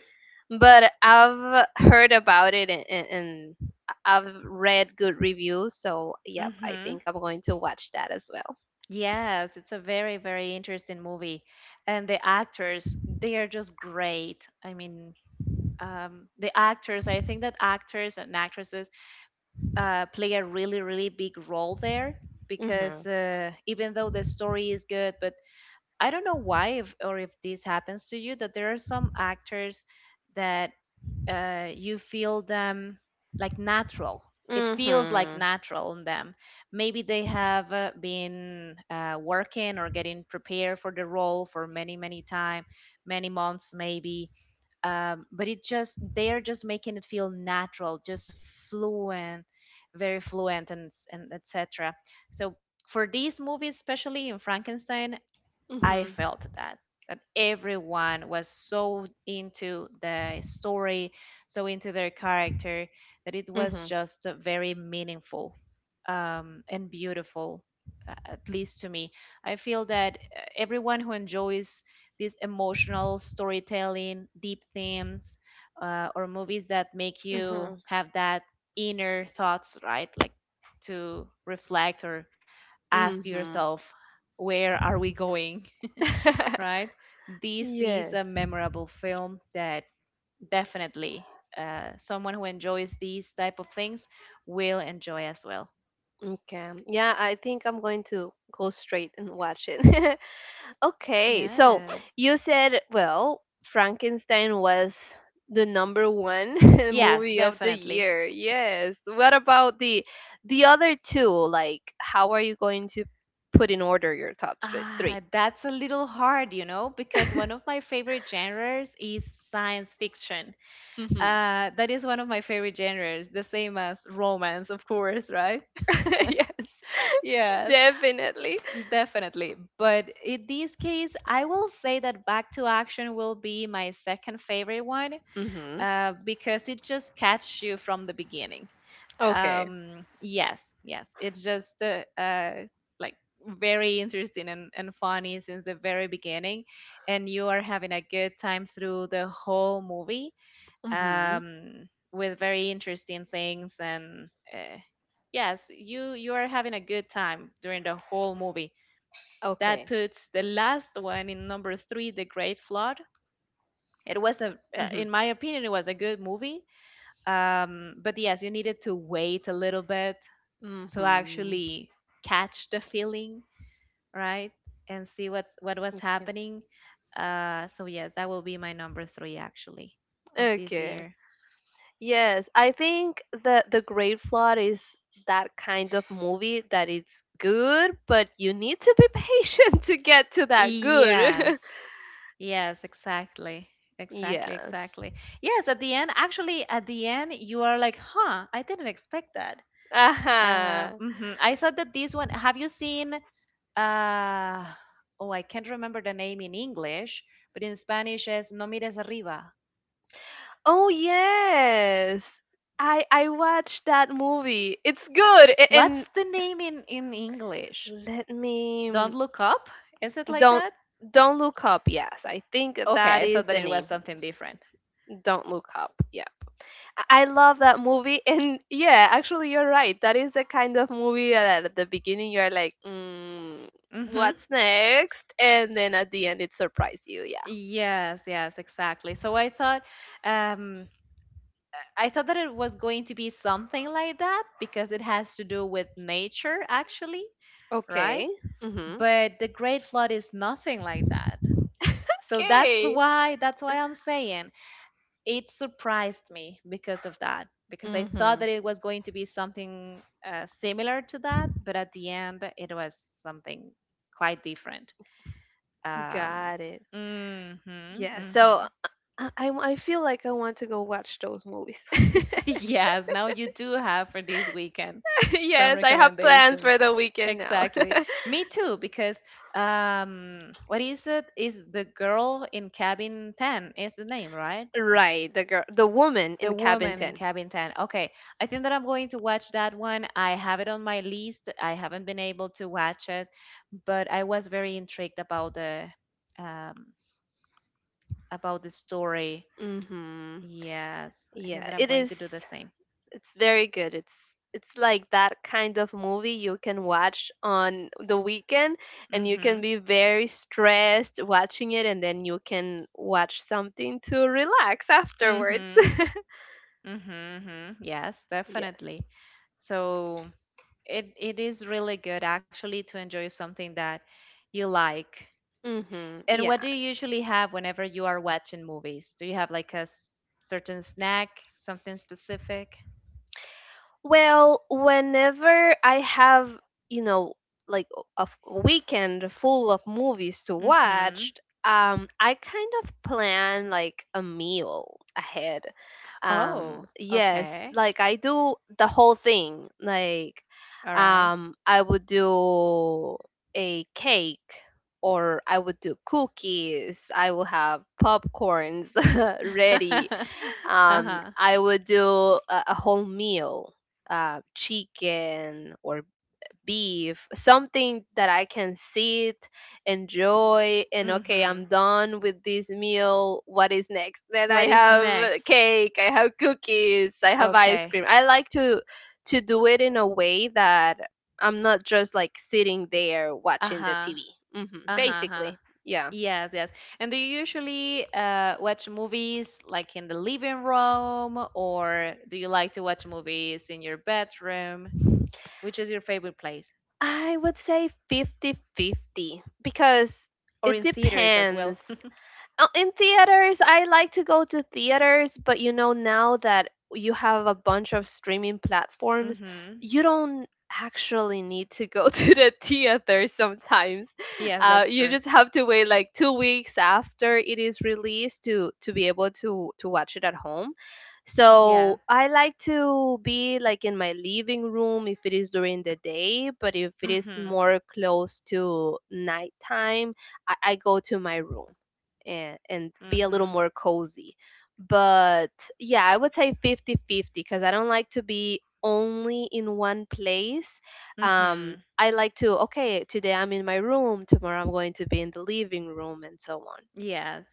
B: But I've heard about it, and, and I've read good reviews, so yep, I
A: Mm-hmm.
B: think I'm going to watch that as well.
A: Yes, it's a very, very interesting movie. And the actors, they are just great. I mean, the actors, I think that actors and actresses play a really, really big role there because
B: Mhm.
A: even though the story is good, but I don't know why if, or if this happens to you, that there are some actors that you feel them like natural. It feels like
B: Mhm.
A: natural in them. Maybe they have been working or getting prepared for the role for many, many time, many months maybe. But it just they are just making it feel natural, just fluent, very fluent, and and etc. So for these movies, especially in Frankenstein, I
B: Mhm.
A: felt that that everyone was so into the story, so into their character that it was
B: Mhm.
A: just a very meaningful and beautiful, at least to me. I feel that everyone who enjoys this emotional storytelling, deep themes, or movies that make you
B: Mhm.
A: have that inner thoughts, right? Like to reflect or ask
B: Mhm.
A: yourself, where are we going?
B: [laughs]
A: Right? This is
B: Yes.
A: a memorable film that definitely someone who enjoys these type of things will enjoy as well.
B: Okay. Yeah, I think I'm going to go straight and watch it. [laughs] Okay, so
A: Yes.
B: you said, well, Frankenstein was the number one [laughs]
A: Yes,
B: movie of the
A: definitely.
B: year. Yes. What about the other two? Like, how are you going to put in order your top
A: Ah,
B: 3?
A: that's a little hard, you know, because one of my favorite genres is science fiction.
B: Mm-hmm.
A: That is one of my favorite genres, the same as romance, of course, right?
B: [laughs]
A: [laughs]
B: Yes,
A: Yes.
B: definitely.
A: Definitely. But in this case, I will say that Back to Action will be my second favorite one
B: Mm-hmm.
A: because it just catches you from the beginning.
B: Okay.
A: Yes. It's just like very interesting and funny since the very beginning. And you are having a good time through the whole movie
B: Mm-hmm.
A: with very interesting things. And uh, yes, you are having a good time during the whole movie that
B: Okay.
A: puts the last one in number three, The Great Flood. It was a,
B: Mm-hmm.
A: in my opinion, it was a good movie. But yes, you needed to wait a little bit to
B: Mm-hmm.
A: actually catch the feeling, right? And see what was
B: Okay.
A: happening. So yes, that will be my number three actually of this
B: Okay.
A: year.
B: Yes, I think the Great Flood is that kind of movie that it's good, but you need to be [laughs] patient to get to that
A: Yes,
B: good.
A: yes, exactly. Exactly,
B: [laughs] Yes.
A: exactly. Yes, at the end, actually, at the end, you are like, huh, I didn't expect that.
B: Uh-huh.
A: I thought that this one. Have you seen? Uh, oh, I can't remember the name in English, but in Spanish is No mires arriba.
B: Oh yes. I watched that movie. It's good. And
A: What's the name in English?
B: let
A: Don't
B: me,
A: look up. Is it like
B: don't
A: that?
B: don't look up. Yes, I think that
A: Okay, I thought
B: is
A: that
B: the
A: it was
B: name.
A: something different.
B: Don't look up. Yeah. I love that movie, [laughs] and yeah, actually, you're right. That is the kind of movie that at the beginning you're like, mm,
A: Mm-hmm.
B: "What's next?" And then at the end it surprised you. Yeah.
A: Yes, yes, exactly. So um, I thought that it was going to be something like that because it has to do with nature, actually, right?
B: Okay. Mhm.
A: But the Great Flood is nothing like that. So that's
B: Okay.
A: why that's why I'm saying it surprised me because of that because I thought
B: Mhm.
A: that it was going to be something similar to that, but at the end it was something quite different. Um,
B: Got it.
A: mhm,
B: Yeah. So
A: mhm.
B: I feel like I want to go watch those movies. [laughs]
A: [laughs] Yes, now you do have for this weekend some
B: Yes, I have plans for
A: recommendations.
B: the weekend now.
A: Exactly.
B: [laughs]
A: Me too, because what is it? Is the girl in cabin ten is the name, right?
B: Right, the girl, the woman
A: The
B: in Cabin
A: Woman in
B: 10.
A: Cabin 10. Okay, I think that I'm going to watch that one. I have it on my list. I haven't been able to watch it, but I was very intrigued um, about the story.
B: Mhm.
A: Yes, I think
B: Yeah,
A: that I'm
B: it
A: going
B: is
A: to do the same.
B: It's very good. It's like that kind of movie you can watch on the weekend, and you can
A: Mhm.
B: be very stressed watching it, and then you can watch something to relax afterwards.
A: Mhm. Mhm, mhm. Yes,
B: [laughs] Yes.
A: definitely. So it is really good actually to enjoy something that you like.
B: Mhm.
A: And what do you
B: Yes.
A: usually have whenever you are watching movies? Do you have like a certain snack, something specific?
B: Well, whenever I have, you know, like a weekend full of movies to
A: Mm-hmm.
B: watch, I kind of plan like a meal ahead.
A: Oh,
B: Yes,
A: okay.
B: like I do the whole thing. Like,
A: All right.
B: I would do a cake or I would do cookies. I will have popcorns [laughs] ready.
A: [laughs] Uh-huh.
B: I would do a whole meal, chicken or beef, something that I can sit, enjoy, and okay,
A: Mm-hmm.
B: I'm done with this meal. What is next? Then I
A: What is
B: have
A: next?
B: cake, I have cookies, I have ice
A: Okay.
B: cream. I like to do it in a way that I'm not just like sitting there watching the
A: Uh-huh.
B: TV.
A: Uh-huh, uh-huh.
B: Basically, yeah.
A: Yes, yes. And do you usually watch movies like in the living room, or do you like to watch movies in your bedroom? Which is your favorite place?
B: I would say fifty-fifty because
A: Or
B: it
A: in theaters as well?
B: depends.
A: [laughs]
B: In theaters, I like to go to theaters, but you know, now that you have a bunch of streaming platforms,
A: Mm-hmm.
B: you don't actually need to go [laughs] to the theater sometimes.
A: Yes, that's
B: You
A: true.
B: just have to wait like 2 weeks after it is released to be able to watch it at home.
A: Yes.
B: So I like to be like in my living room if it is during the day, but if it is
A: Mhm.
B: more close to nighttime, I go to my room, and be a little
A: Mhm.
B: more cozy. But yeah, I would say fifty-fifty because I don't like to be only in one place.
A: Mhm.
B: I like to, okay, today I'm in my room, tomorrow I'm going to be in the living room, and so on.
A: Yes.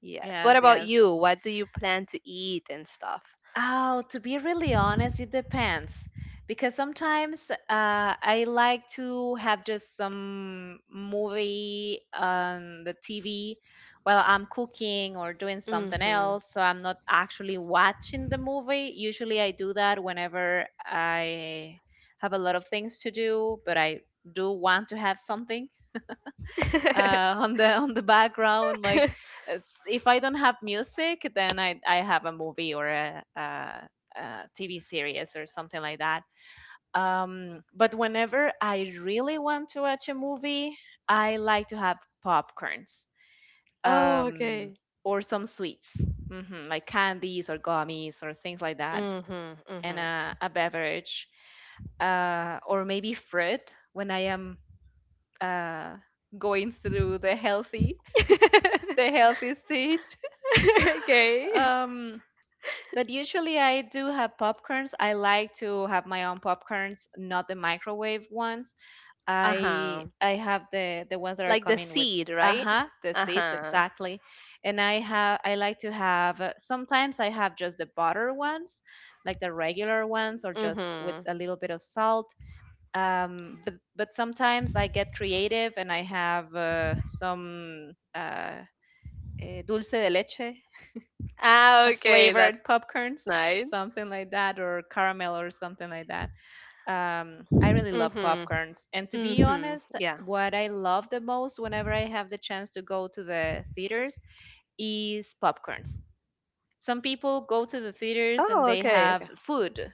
B: Yes. What
A: Yes,
B: about
A: yes.
B: you? What do you plan to eat and stuff?
A: Oh, to be really honest, it depends. Because sometimes I like to have just some movie on the TV while I'm cooking or doing something
B: Mm-hmm.
A: else. So I'm not actually watching the movie. Usually I do that whenever I have a lot of things to do, but I do want to have something
B: [laughs]
A: on the background. Like it's, if I don't have music, then I have a movie or a, TV series or something like that. But whenever I really want to watch a movie, I like to have popcorns,
B: Oh,
A: um,
B: okay.
A: or some sweets, hmm, like candies or gummies or things like that, and
B: Mm-hmm.
A: a beverage or maybe fruit when I am uh, going through the [laughs] healthy
B: Mm-hmm.
A: the healthy stage.
B: [laughs]
A: [laughs]
B: Okay.
A: Um, but usually I do have popcorns. I like to have my own popcorns, not the microwave ones. I
B: Uh-huh.
A: I have the ones that are
B: Like the
A: coming with
B: seed, right?
A: uh-huh, the seeds
B: Uh-huh.
A: exactly. And I have I like to have sometimes I have just the butter ones, like the regular ones or just with
B: Mm-hmm.
A: a little bit of salt. But sometimes I get creative and I have some dulce de leche
B: Ah,
A: a
B: okay,
A: flavored
B: that's nice.
A: popcorns, something like that, or caramel or something like that.
B: Mhm.
A: I really love
B: Mhm.
A: popcorns.
B: Yeah.
A: And to be honest, what I love the most whenever I have the chance to go to the theaters is popcorns. Some people go to the
B: Oh,
A: theaters and they
B: okay, okay.
A: have food,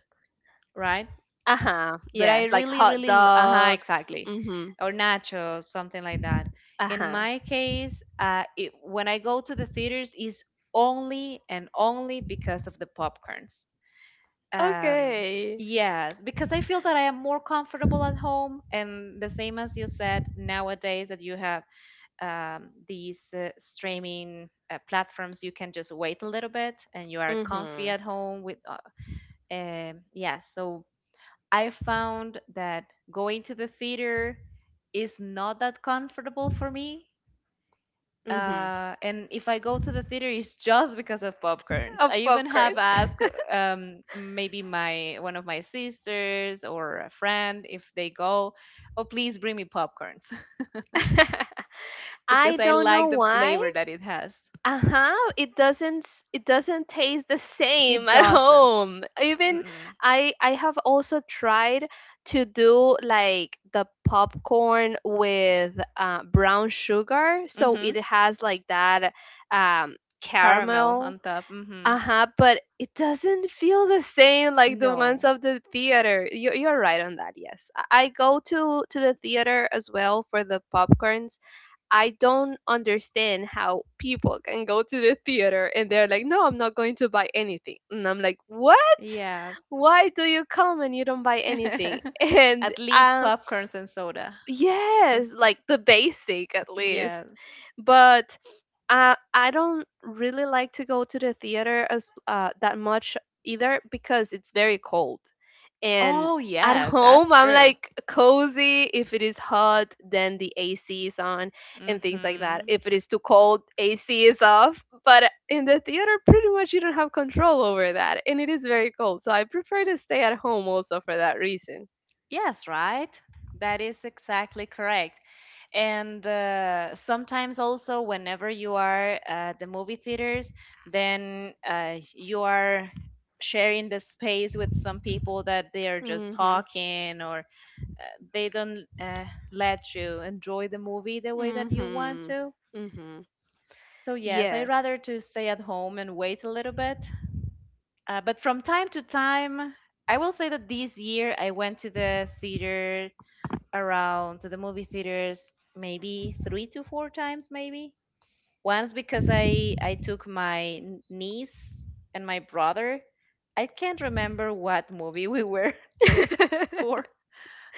A: right?
B: Uh-huh.
A: But I
B: Yeah, like
A: really,
B: hot
A: really, uh-huh,
B: dogs.
A: exactly,
B: Mhm.
A: or nachos, something like that. In
B: Uh-huh.
A: my case, when I go to the theaters, is only and only because of the popcorns. Um,
B: Okay.
A: yes, because I feel that I am more comfortable at home, and the same as you said, nowadays that you have these streaming platforms, you can just wait a little bit, and you are comfy
B: Mhm.
A: at home with. Yeah, so I found that going to the theater is not that comfortable for me,
B: Mhm.
A: and if I go to the theater, it's just because of popcorns.
B: Of
A: I even have
B: popcorns.
A: asked, maybe my one of my sisters or a friend if they go, oh please bring me popcorns
B: [laughs]
A: [laughs]
B: I
A: because I
B: don't know
A: like the
B: why.
A: flavor that it has.
B: Uh-huh. It doesn't taste the same
A: It
B: [laughs] at
A: doesn't.
B: home. Even
A: Mm-mm.
B: I have also tried to do like the popcorn with brown sugar, so
A: Mm-hmm.
B: it has like that
A: Caramel
B: caramel.
A: on top. Mm-hmm.
B: Uh-huh, but it doesn't feel the same like the ones
A: No.
B: of the theater. You're right on that. Yes. I go to the theater as well for the popcorn. I don't understand how people can go to the theater and they're like, no, I'm not going to buy anything. And I'm like, what?
A: Yeah. [laughs]
B: Why do you come and you don't buy anything? [laughs] And
A: At least popcorns and soda.
B: Yes, like the basic at least.
A: Yes.
B: But I don't really like to go to the theater as that much, either because it's very cold. And
A: Oh
B: at [laughs]
A: yes,
B: home
A: that's
B: I'm
A: true.
B: like cozy. If it is hot, then the AC is on and things like that.
A: Mm-hmm.
B: If it is too cold, AC is off. But in the theater pretty much you don't have control over that, and it is very cold. So I prefer to stay at home also for that reason.
A: Yes, right? That is exactly correct. And sometimes also, whenever you are at the movie theaters, then you are sharing the space with some people that they are just
B: Mhm.
A: talking or they don't let you enjoy the movie the way that you want
B: Mm-hmm.
A: to.
B: Mm-hmm.
A: So yes, I
B: Yes.
A: rather to stay at home and wait a little bit. But from time to time, I will say that this year I went to the theater around to the movie theaters maybe three to four times, maybe once, because I took my niece and my brother. I can't remember what movie we were [laughs]
B: [laughs]
A: there
B: I
A: for.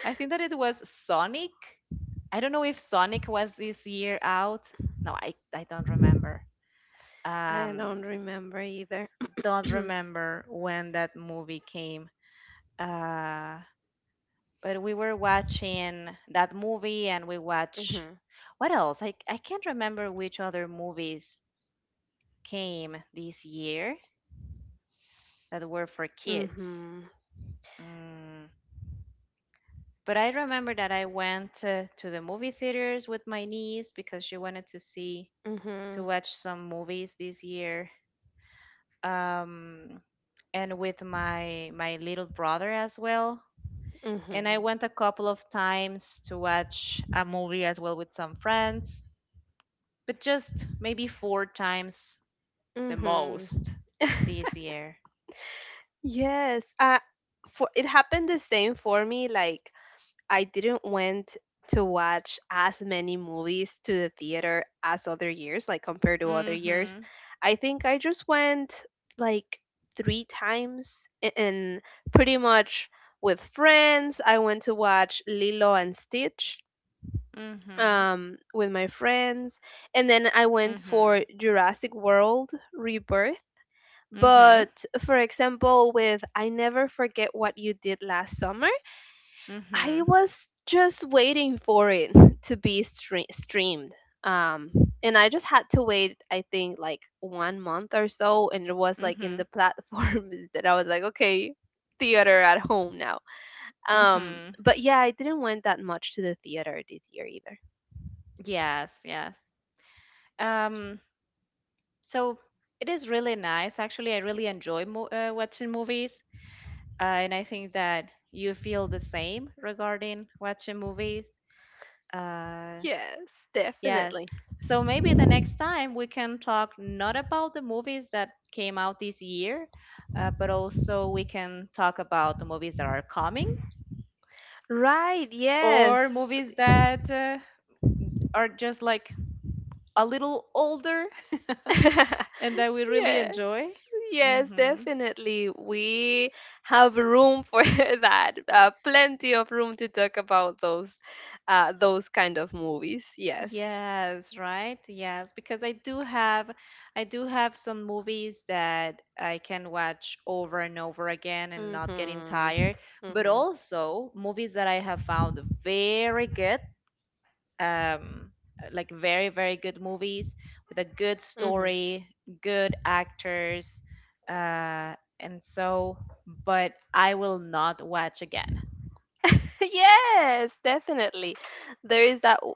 A: I think that it was Sonic. I don't know if Sonic was this year out. No, I don't remember. um
B: don't remember either.
A: don't
B: [clears throat]
A: remember when that movie came. uh but we were watching that movie and we watch,
B: Mm-hmm.
A: what else? I can't remember which other movies came this year that were for kids.
B: Mm-hmm.
A: Mm, but I remember that I went, to the movie theaters with my niece because she wanted to see, to
B: Mm-hmm.
A: watch some movies this year. Um, and with my little brother as well. And I
B: Mm-hmm.
A: went a couple of times to watch a movie as well with some friends, but just maybe four times the
B: Mm-hmm.
A: most this year.
B: Yes. For it happened the same for me. Like I didn't went to watch as many movies to the theater as other years, like compared to other years.
A: Mhm.
B: I think I just went like three times and pretty much with friends. I went to watch Lilo and Stitch
A: Mhm.
B: with my friends, and then I went
A: Mhm.
B: for Jurassic World Rebirth.
A: Mhm.
B: But for example, with I Never Forget What You Did Last Summer, I
A: Mhm.
B: was just waiting for it [laughs] to be streamed. Um, and I just had to wait, I think, like 1 month or so. And it was like in
A: Mhm.
B: the platform [laughs] that I was like, okay, theater at home now. Um,
A: Mhm.
B: but yeah, I didn't went that much to the theater this year either.
A: Yes, yes. Um so it is really nice. Actually, I really enjoy watching movies. And I think that you feel the same regarding watching movies. Uh
B: Yes,
A: Yes.
B: definitely.
A: So maybe the next time we can talk not about the movies that came out this year, but also we can talk about the movies that are coming,
B: Right,
A: or
B: yes.
A: movies that are just like a little older [laughs]
B: [laughs]
A: and that we really
B: Yes,
A: enjoy.
B: yes,
A: Hmm.
B: definitely. We have room for [laughs] that. Plenty of room to talk about those kind of movies. Yes.
A: Yes, right? Yes, because I do have, I do have some movies that I can watch over and over again and not getting
B: Mhm.
A: tired, but
B: Mhm.
A: also movies that I have found very good, um like very, very good movies with a good
B: Mhm.
A: story, good actors, uh and so, but I will not watch again.
B: [laughs] Yes, definitely. There is that w-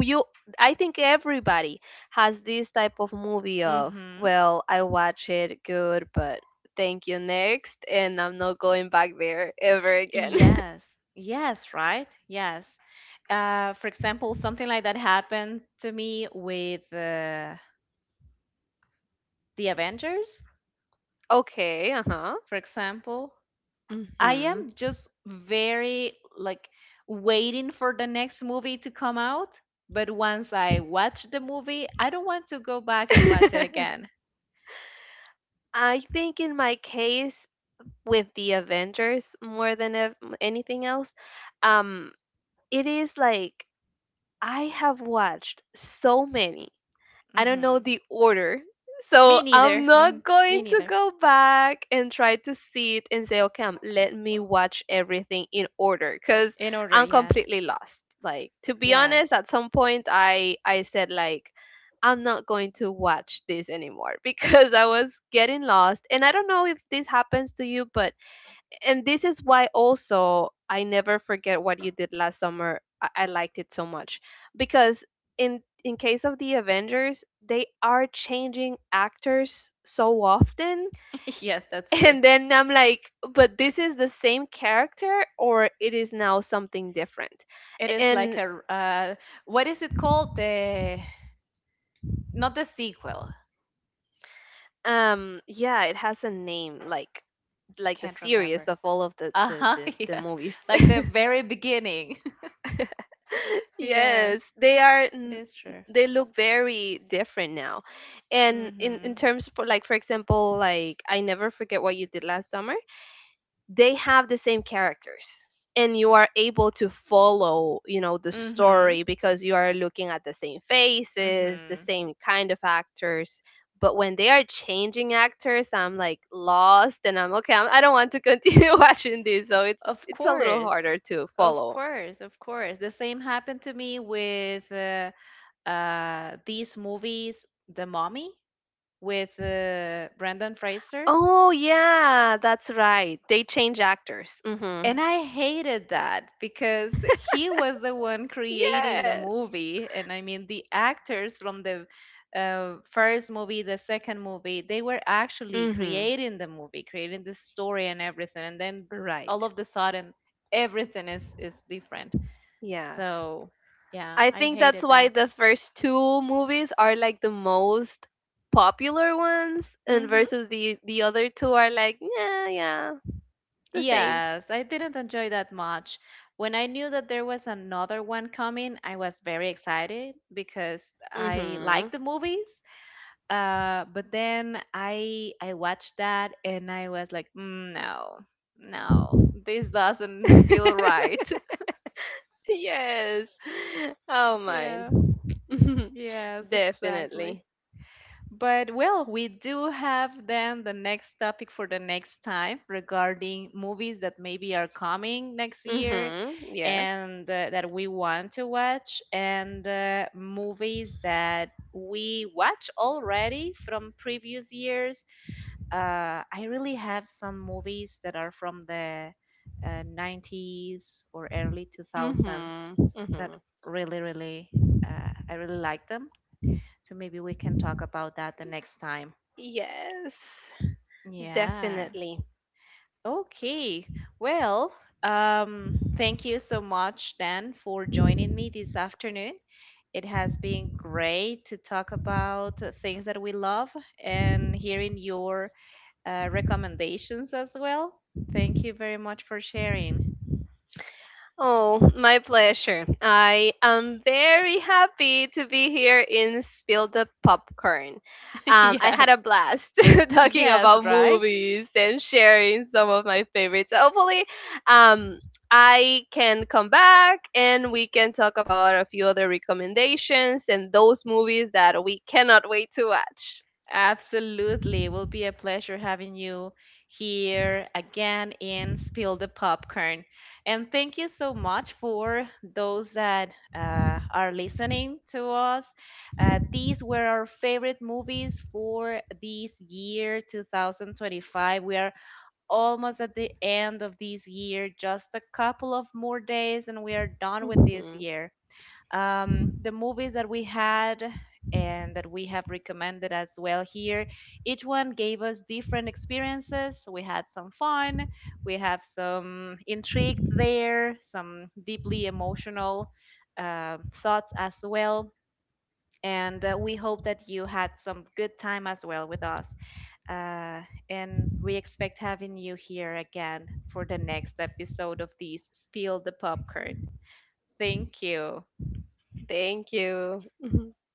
B: you I think everybody has this type of movie of,
A: Mhm.
B: well, I watch it good, but thank you next, and I'm not going back there ever again. [laughs]
A: Yes, yes, right? Yes. For example, something like that happened to me with the Avengers,
B: Okay, uh-huh.
A: for example. I am just very like waiting for the next movie to come out, but once I watch the movie, I don't want to go back and watch it
B: [laughs]
A: again.
B: I think in my case with the Avengers more than anything else, um, it is like I have watched so many, I don't know
A: Hmm.
B: the order. So
A: Me neither.
B: I'm not
A: Mm,
B: going
A: me
B: to
A: neither.
B: go back and try to sit and say, okay, let me watch everything in order because
A: In order,
B: I'm
A: yes.
B: completely lost. Like, to be
A: Yes.
B: honest, at some point I said like I'm not going to watch this anymore [laughs] because I was getting lost. And I don't know if this happens to you, but and this is why also I never forget what you did last summer. I liked it so much because in case of the Avengers, they are changing actors so often.
A: [laughs] Yes,
B: [laughs]
A: that's true.
B: And then I'm like, but this is the same character, or it is now something different,
A: It is like
B: and
A: a what is it called? The, not the sequel.
B: yeah, it has a name like the
A: Can't
B: series
A: remember.
B: of all of the
A: Uh
B: the
A: huh.
B: the,
A: [laughs]
B: the
A: Yes,
B: movies.
A: like the very beginning. [laughs]
B: Yes,
A: Yes,
B: they are.
A: it is true.
B: They look very different now, and in
A: Mhm.
B: terms for like for example, like I Never Forget What You Did Last Summer. They have the same characters, and you are able to follow, you know, the
A: Mhm.
B: story because you are looking at the same faces, the
A: Mhm.
B: same kind of actors. But when they are changing actors, I'm like lost, and I'm okay. I don't want to continue [laughs] watching this, so it's
A: Of
B: it's a little
A: course.
B: harder to
A: Of
B: follow.
A: course, of course. The same happened to me with these movies, The Mummy with Brendan Fraser.
B: Oh, yeah, that's right. They change actors. Mhm.
A: And I hated that because he was the one creating the
B: Yes.
A: movie. And I mean, the actors from the first movie, the second movie, they were actually
B: Mhm.
A: creating the movie, creating the story and everything. And then
B: Right.
A: all of the sudden, everything is different.
B: Yes.
A: So, yeah,
B: I
A: I
B: think that's
A: hated
B: why
A: that.
B: the first two movies are like the most popular ones and
A: Hmm.
B: versus the other two are like, yeah, yeah, the same.
A: Yes, I didn't enjoy that much. When I knew that there was another one coming, I was very excited because I like
B: Mhm.
A: the movies. But then I watched that and I was like, "Mm, no, no, this doesn't feel right."
B: [laughs] Yes. Oh
A: [laughs]
B: my.
A: Yeah,
B: [laughs]
A: yes, exactly.
B: Definitely.
A: But well, we do have then the next topic for the next time regarding movies that maybe are coming next year,
B: Mhm. Yes.
A: and that we want to watch, and movies that we watch already from previous years. I really have some movies that are from the 90s or early 2000s
B: Mhm.
A: that
B: Mhm.
A: really, really, I really like them. So maybe we can talk about that the next time.
B: Yes.
A: Yes.
B: Definitely.
A: Okay. Well, thank you so much, Dan, for joining me this afternoon. It has been great to talk about things that we love, and hearing your recommendations as well. Thank you very much for sharing.
B: Oh, my pleasure. I am very happy to be here in Spill the Popcorn.
A: [laughs]
B: I had a
A: Yes,
B: blast [laughs] talking
A: yes,
B: about
A: right?
B: movies and sharing some of my favorites. So hopefully, um, I can come back and we can talk about a few other recommendations and those movies that we cannot wait to watch.
A: Absolutely. It will be a pleasure having you here again in Spill the Popcorn. And thank you so much for those that are listening to us. These were our favorite movies for this year 2025. We are almost at the end of this year, just a couple of more days, and we are done with this
B: Mhm.
A: year. The movies that we had and that we have recommended as well here, each one gave us different experiences. We had some fun, we have some intrigue there, some deeply emotional thoughts as well. And we hope that you had some good time as well with us. Uh, and we expect having you here again for the next episode of this Spill the Popcorn. Thank you.
B: Thank you. [laughs]